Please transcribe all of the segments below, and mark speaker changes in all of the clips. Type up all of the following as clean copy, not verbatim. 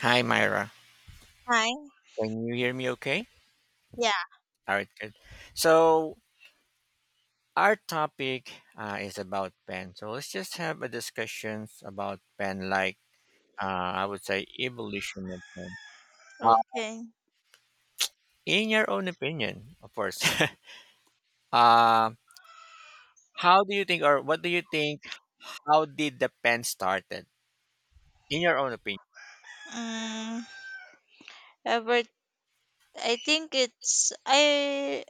Speaker 1: Hi, Myra.
Speaker 2: Hi.
Speaker 1: Can you hear me okay?
Speaker 2: Yeah.
Speaker 1: All right, good. So, our topic is about pen. So, let's just have a discussion about pen, like, I would say evolution of pen. Uh,
Speaker 2: Okay.
Speaker 1: in your own opinion, of course, uh, how do you think, or what do you think, how did the pen started? In your own opinion.
Speaker 2: Um, but I think it's I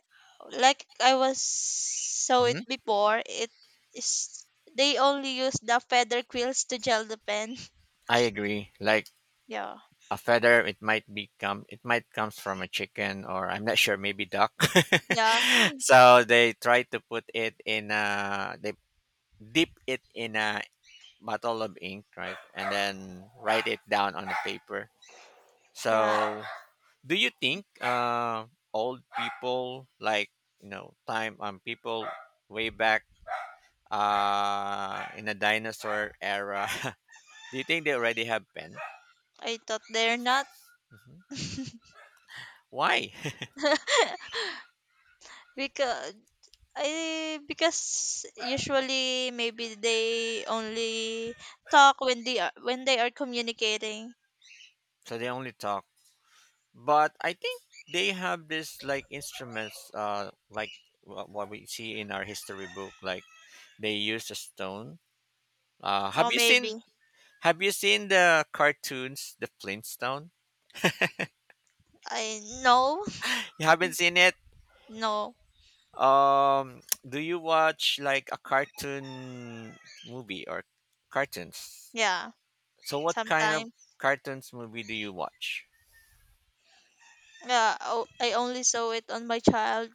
Speaker 2: like I was saw it
Speaker 1: Hmm.
Speaker 2: before. It is They only use the feather quills to gel the pen.
Speaker 1: I agree. Like,
Speaker 2: Yeah.
Speaker 1: a feather, it might become. It might comes from a chicken, or I'm not sure, maybe duck.
Speaker 2: Yeah.
Speaker 1: So they dip it in a bottle of ink, right? And then write it down on a paper.
Speaker 2: Yeah.
Speaker 1: So do you think, old people, like, you know time people way back, in the dinosaur era, do you think they already have pen?
Speaker 2: I thought they're not.
Speaker 1: Hmm. Why?
Speaker 2: Because I because usually maybe they only talk when they are communicating.
Speaker 1: So they only talk, but I think they have this, like, instruments, like, what we see in our history book. Like, they use a stone.
Speaker 2: Or
Speaker 1: Have you
Speaker 2: maybe.
Speaker 1: seen? Have you seen the cartoons, the Flintstone?
Speaker 2: I no,
Speaker 1: You haven't seen it.
Speaker 2: no.
Speaker 1: Do you watch like a cartoon movie or cartoons?
Speaker 2: Yeah,
Speaker 1: So, what kind of
Speaker 2: sometimes.
Speaker 1: cartoons movie do you watch?
Speaker 2: Yeah, oh, I only saw it on my child.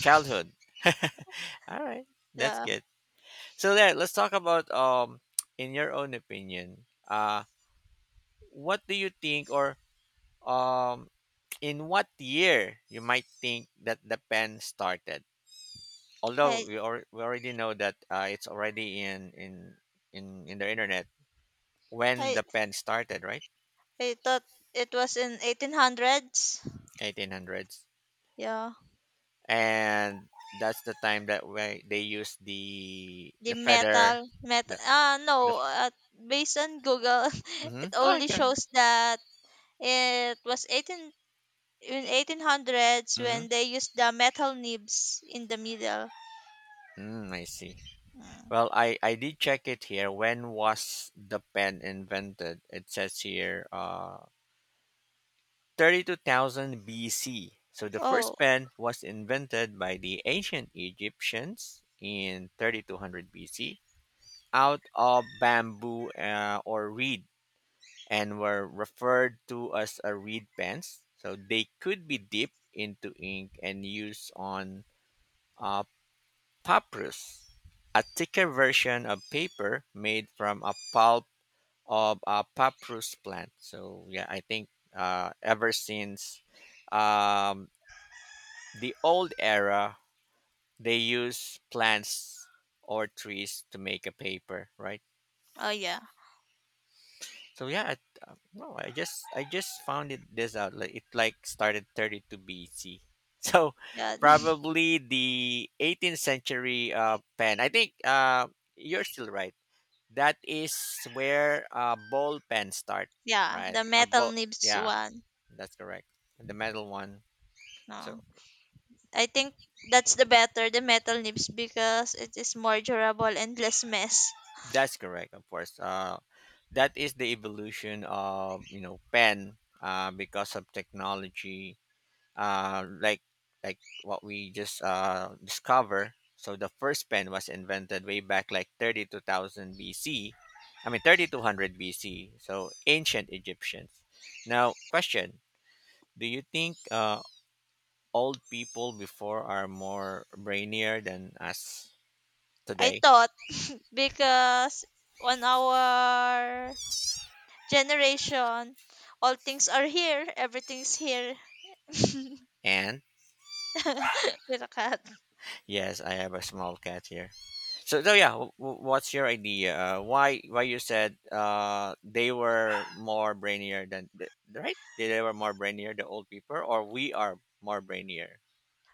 Speaker 1: Childhood. All right, that's
Speaker 2: Yeah,
Speaker 1: good. So there, let's talk about, in your own opinion. What do you think, or um in what year you might think that the pen started, although
Speaker 2: I
Speaker 1: we already know that, it's already in the internet, when
Speaker 2: I
Speaker 1: the pen started, right?
Speaker 2: I thought it was in 1800s.
Speaker 1: 1800s.
Speaker 2: Yeah,
Speaker 1: And that's the time that way they used the
Speaker 2: the
Speaker 1: the
Speaker 2: metal
Speaker 1: feather.
Speaker 2: metal.
Speaker 1: The,
Speaker 2: Ah,
Speaker 1: the
Speaker 2: no. Based on Google,
Speaker 1: Mm-hmm.
Speaker 2: it
Speaker 1: Oh,
Speaker 2: only
Speaker 1: okay.
Speaker 2: shows that it was 18 in 1800s
Speaker 1: Mm-hmm.
Speaker 2: when they used the metal nibs in the middle.
Speaker 1: I see.
Speaker 2: Mm.
Speaker 1: Well, I did check it here, when was the pen invented. It says here 32,000 BC. So the
Speaker 2: Oh,
Speaker 1: first pen was invented by the ancient Egyptians in 3200 BC, out of bamboo, or reed, and were referred to as a reed pens. So they could be dipped into ink and used on, uh, papyrus, a thicker version of paper made from a pulp of a papyrus plant. So yeah, I think, ever since, um, the old era, they use plants or trees to make a paper, right?
Speaker 2: oh yeah,
Speaker 1: So yeah, no, I just found it this out. Like, it, like, started 32 BC. So
Speaker 2: yeah,
Speaker 1: probably the 18th century, pen. I think, you're still right. That is where, ball pens start,
Speaker 2: yeah.
Speaker 1: right?
Speaker 2: The metal nibs
Speaker 1: Yeah,
Speaker 2: one.
Speaker 1: that's correct. The metal one. So
Speaker 2: No. I think that's the better, the metal nibs, because it is more durable and less mess.
Speaker 1: that's correct, of course. That is the evolution of, pen, because of technology, like, what we just, discover. So the first pen was invented way back, like, 32,000 BC. I mean, 3200 BC. So ancient Egyptians. Now, question: do you think, old people before are more brainier than us
Speaker 2: I
Speaker 1: today?
Speaker 2: thought because on our generation all things are here, everything's here.
Speaker 1: And
Speaker 2: With a cat.
Speaker 1: yes, I have a small cat here. So, yeah, what's your idea? Why you said, they were more brainier than the, right? They were more brainier, the old people, or we are more brainier.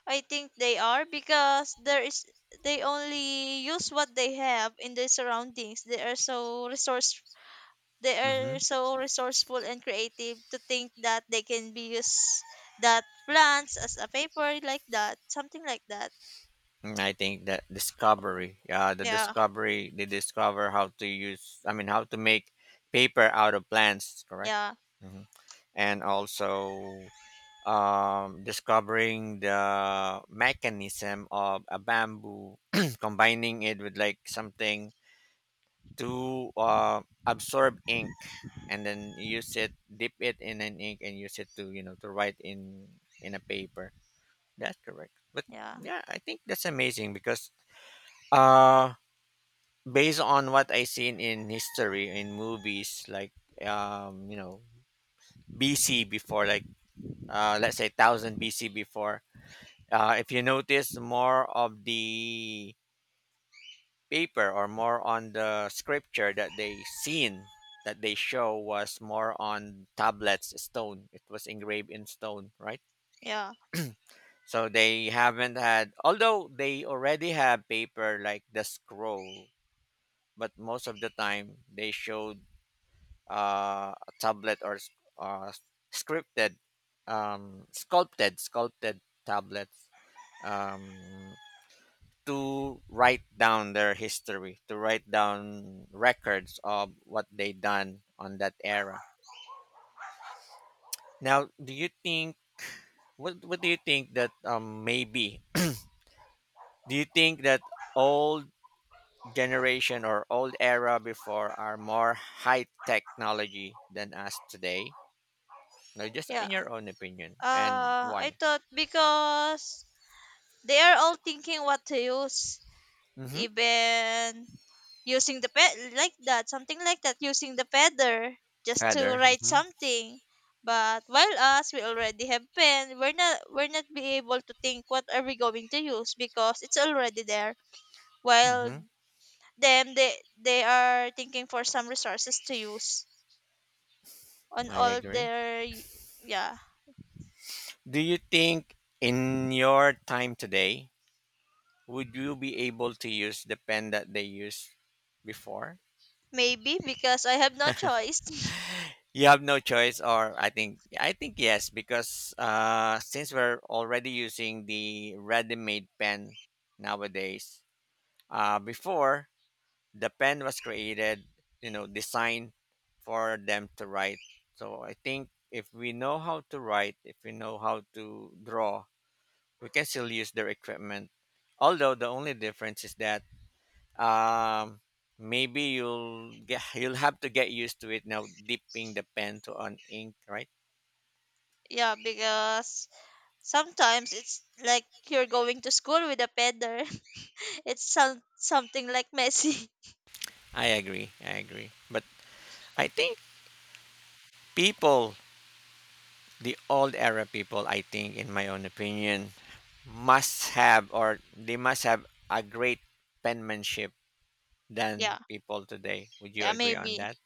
Speaker 2: I think they are, because there is they only use what they have in the surroundings. They are so resource. They are
Speaker 1: Hmm.
Speaker 2: so resourceful and creative to think that they can be used that plants as a paper, like that, something like that.
Speaker 1: I think that discovery, the
Speaker 2: Yeah,
Speaker 1: discovery they discover how to use. I mean, how to make paper out of plants. Correct.
Speaker 2: yeah,
Speaker 1: Hmm. And also. Discovering the mechanism of a bamboo, combining it with, like, something to, absorb ink, and then use it, dip it in an ink, and use it to, to write in a paper. That's correct. But
Speaker 2: yeah,
Speaker 1: yeah, I think that's amazing because, uh, based on what I seen in history, in movies, like, um, you know BC before, like, let's say 1000 BC before. If you notice, more of the paper or more on the scripture that they seen, that they show, was more on tablets, stone. It was engraved in stone, right?
Speaker 2: yeah,
Speaker 1: So they haven't had, although they already have paper, like the scroll, but most of the time they showed, a tablet or uh, scripted, sculpted tablets, um, to write down their history, to write down records of what they done on that era. Now, do you think, what do you think that, maybe, do you think that old generation or old era before are more high technology than us today? Now, just
Speaker 2: yeah.
Speaker 1: in your own opinion, and
Speaker 2: I
Speaker 1: why?
Speaker 2: thought because they are all thinking what to use,
Speaker 1: Mm-hmm.
Speaker 2: even using the pet like that, something like that, using the feather just to
Speaker 1: Feather.
Speaker 2: write
Speaker 1: Mm-hmm.
Speaker 2: something. But while us, we already have pen, we're not be able to think what are we going to use because it's already there. While
Speaker 1: Mm-hmm.
Speaker 2: them, they are thinking for some resources to use on
Speaker 1: I
Speaker 2: all
Speaker 1: agree.
Speaker 2: their. Yeah,
Speaker 1: Do you think in your time today would you be able to use the pen that they used before?
Speaker 2: maybe because I have no choice.
Speaker 1: You have no choice, or I think, yes, because, since we're already using the ready-made pen nowadays, before the pen was created, designed for them to write. So I think if we know how to write, if we know how to draw, we can still use their equipment. Although the only difference is that, um maybe, you'll have to get used to it now, dipping the pen to on ink, right?
Speaker 2: Yeah, because sometimes it's like you're going to school with a feather. It's something like messy.
Speaker 1: I agree, I agree, but I think, people the old era people, I think, in my own opinion, must have or they must have a great penmanship than
Speaker 2: Yeah,
Speaker 1: people today. Would you
Speaker 2: yeah,
Speaker 1: agree on
Speaker 2: maybe.
Speaker 1: that?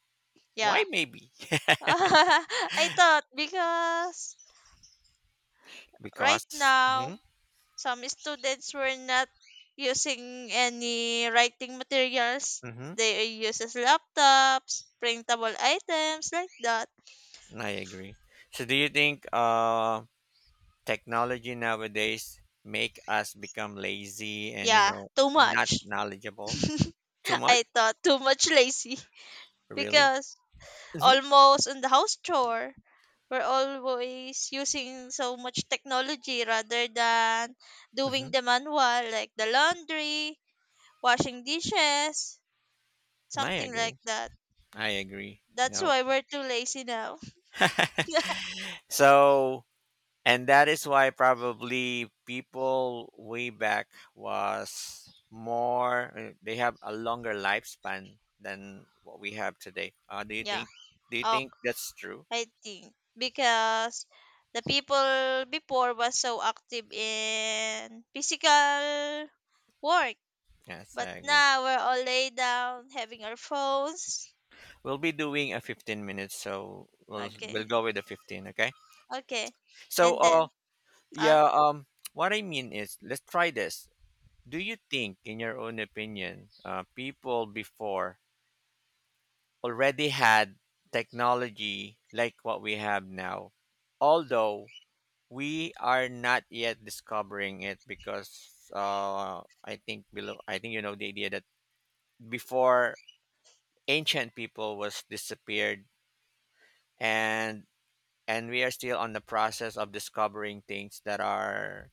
Speaker 1: Why
Speaker 2: Yeah.
Speaker 1: maybe?
Speaker 2: I thought because right
Speaker 1: Because.
Speaker 2: now
Speaker 1: Hmm.
Speaker 2: some students were not using any writing materials.
Speaker 1: Hmm.
Speaker 2: They use as laptops, printable items, like that.
Speaker 1: I agree. So, do you think, technology nowadays make us become lazy and,
Speaker 2: Yeah, too
Speaker 1: not
Speaker 2: much.
Speaker 1: knowledgeable. Too much.
Speaker 2: I thought too much lazy,
Speaker 1: Really?
Speaker 2: because
Speaker 1: Hmm.
Speaker 2: almost on the house chore. We're always using so much technology rather than
Speaker 1: Hmm.
Speaker 2: doing the manual, like the laundry, washing dishes,
Speaker 1: I
Speaker 2: something
Speaker 1: agree,
Speaker 2: like that.
Speaker 1: i agree you
Speaker 2: That's
Speaker 1: know
Speaker 2: why we're too lazy now.
Speaker 1: So, and that is why probably people way back was more, they have a longer lifespan than what we have today. Do you
Speaker 2: Yeah,
Speaker 1: think,
Speaker 2: oh,
Speaker 1: that's true?
Speaker 2: I think because the people before was so active in physical work,
Speaker 1: Yes,
Speaker 2: but
Speaker 1: I agree.
Speaker 2: now we're all laid down having our phones.
Speaker 1: We'll be doing a 15 minutes, so we'll
Speaker 2: Okay,
Speaker 1: go with the 15, okay.
Speaker 2: okay,
Speaker 1: So,
Speaker 2: and then. Uh,
Speaker 1: yeah, what I mean is, let's try this. Do you think, in your own opinion, people before already had technology like what we have now, although we are not yet discovering it, because, I think below, I think, the idea that before ancient people was disappeared, and and we are still on the process of discovering things that are.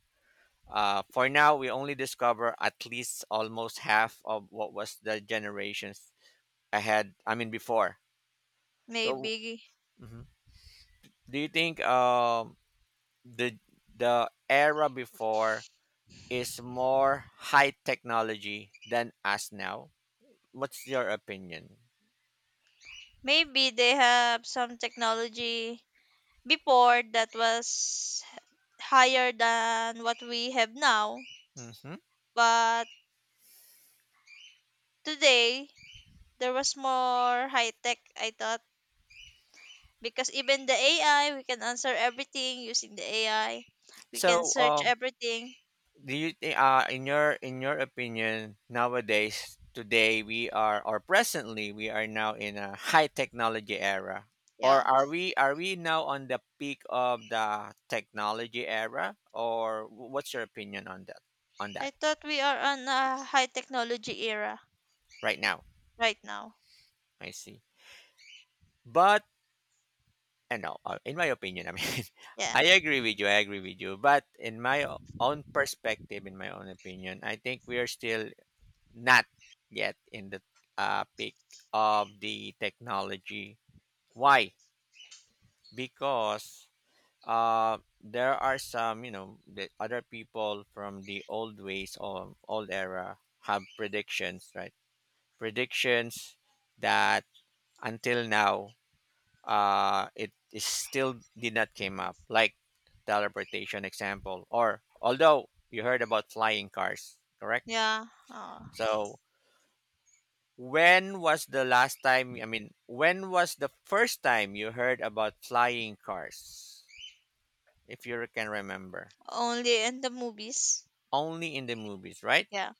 Speaker 1: For now, we only discover at least almost half of what was the generations ahead. I mean, before. So,
Speaker 2: maybe
Speaker 1: mhm. Do you think, the the era before is more high technology than us now? What's your opinion?
Speaker 2: maybe they have some technology before that was higher than what we have now.
Speaker 1: Hmm.
Speaker 2: But today there was more high tech, I thought, because even the AI, we can answer everything using the AI. We can
Speaker 1: So,
Speaker 2: search everything.
Speaker 1: do you think, in your opinion, nowadays, today, we are, or presently we are now in a high technology era,
Speaker 2: Yeah.
Speaker 1: or are we now on the peak of the technology era, or what's your opinion on that, on
Speaker 2: I
Speaker 1: that
Speaker 2: thought we are on a high technology era
Speaker 1: Right now.
Speaker 2: right now.
Speaker 1: I see. But I know, in my opinion, I mean.
Speaker 2: Yeah.
Speaker 1: I agree with you, I agree with you, but in my own perspective, in my own opinion, I think we are still not yet in the, peak of the technology. Why? Because, there are some, you know, the other people from the old ways or old era have predictions, right? Predictions that until now, it is still did not came up, like teleportation example, or although you heard about flying cars, correct?
Speaker 2: Yeah. Uh,
Speaker 1: So, when was the last time, I mean, when was the first time you heard about flying cars? If you can remember.
Speaker 2: only in the movies.
Speaker 1: Only in the movies, right?
Speaker 2: Yeah.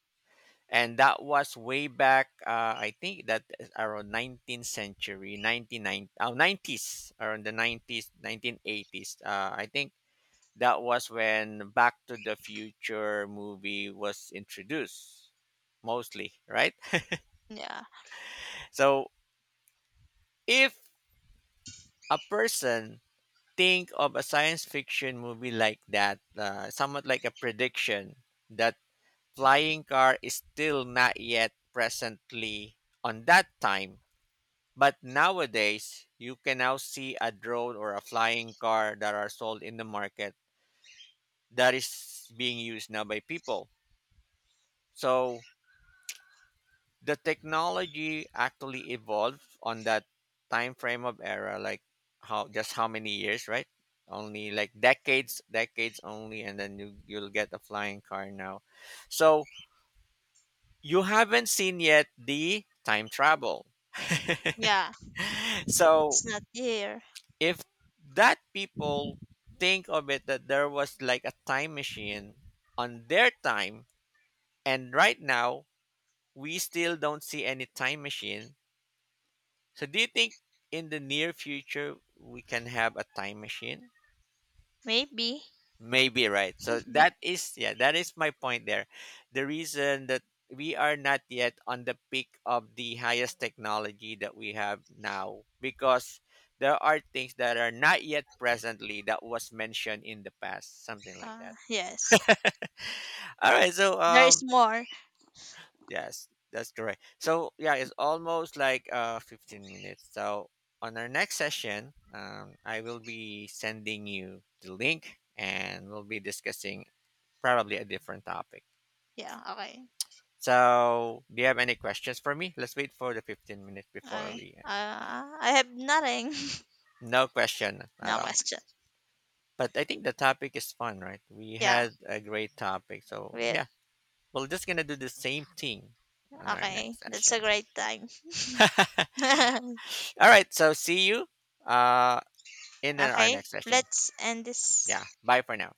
Speaker 1: And that was way back, I think that is around 19th century, 1990, oh, around the 90s, 1980s. I think that was when Back to the Future movie was introduced, mostly, right?
Speaker 2: Yeah.
Speaker 1: So if a person think of a science fiction movie like that, somewhat like a prediction that flying car is still not yet presently on that time. But nowadays, you can now see a drone or a flying car that are sold in the market, that is being used now by people. So the technology actually evolved on that time frame of era, like, how many years, right? Only, like, decades only, and then you'll get a flying car now. So you haven't seen yet the time travel.
Speaker 2: Yeah. It's
Speaker 1: So
Speaker 2: not here.
Speaker 1: if that people think of it, that there was like a time machine on their time, and right now we still don't see any time machine. So do you think in the near future we can have a time machine?
Speaker 2: Maybe.
Speaker 1: Maybe, right. So
Speaker 2: May-.
Speaker 1: that is yeah, that is my point there. The reason that we are not yet on the peak of the highest technology that we have now, because there are things that are not yet presently that was mentioned in the past, something like that.
Speaker 2: Yes.
Speaker 1: All right, so,
Speaker 2: There is more.
Speaker 1: yes, that's correct. So yeah, it's almost like 15 minutes. So on our next session, I will be sending you the link, and we'll be discussing probably a different topic.
Speaker 2: Yeah, okay.
Speaker 1: So do you have any questions for me? Let's wait for the 15 minutes before we end.
Speaker 2: I have nothing.
Speaker 1: No question at
Speaker 2: No
Speaker 1: all.
Speaker 2: question.
Speaker 1: But I think the topic is fun, right? We
Speaker 2: Yeah.
Speaker 1: had a great topic. So
Speaker 2: We,
Speaker 1: yeah, we're just gonna do the same thing on our
Speaker 2: okay.
Speaker 1: next
Speaker 2: That's a
Speaker 1: session.
Speaker 2: great time.
Speaker 1: All right, so see you. Uh in our
Speaker 2: Okay.
Speaker 1: next session.
Speaker 2: Let's end this
Speaker 1: Yeah. Bye for now.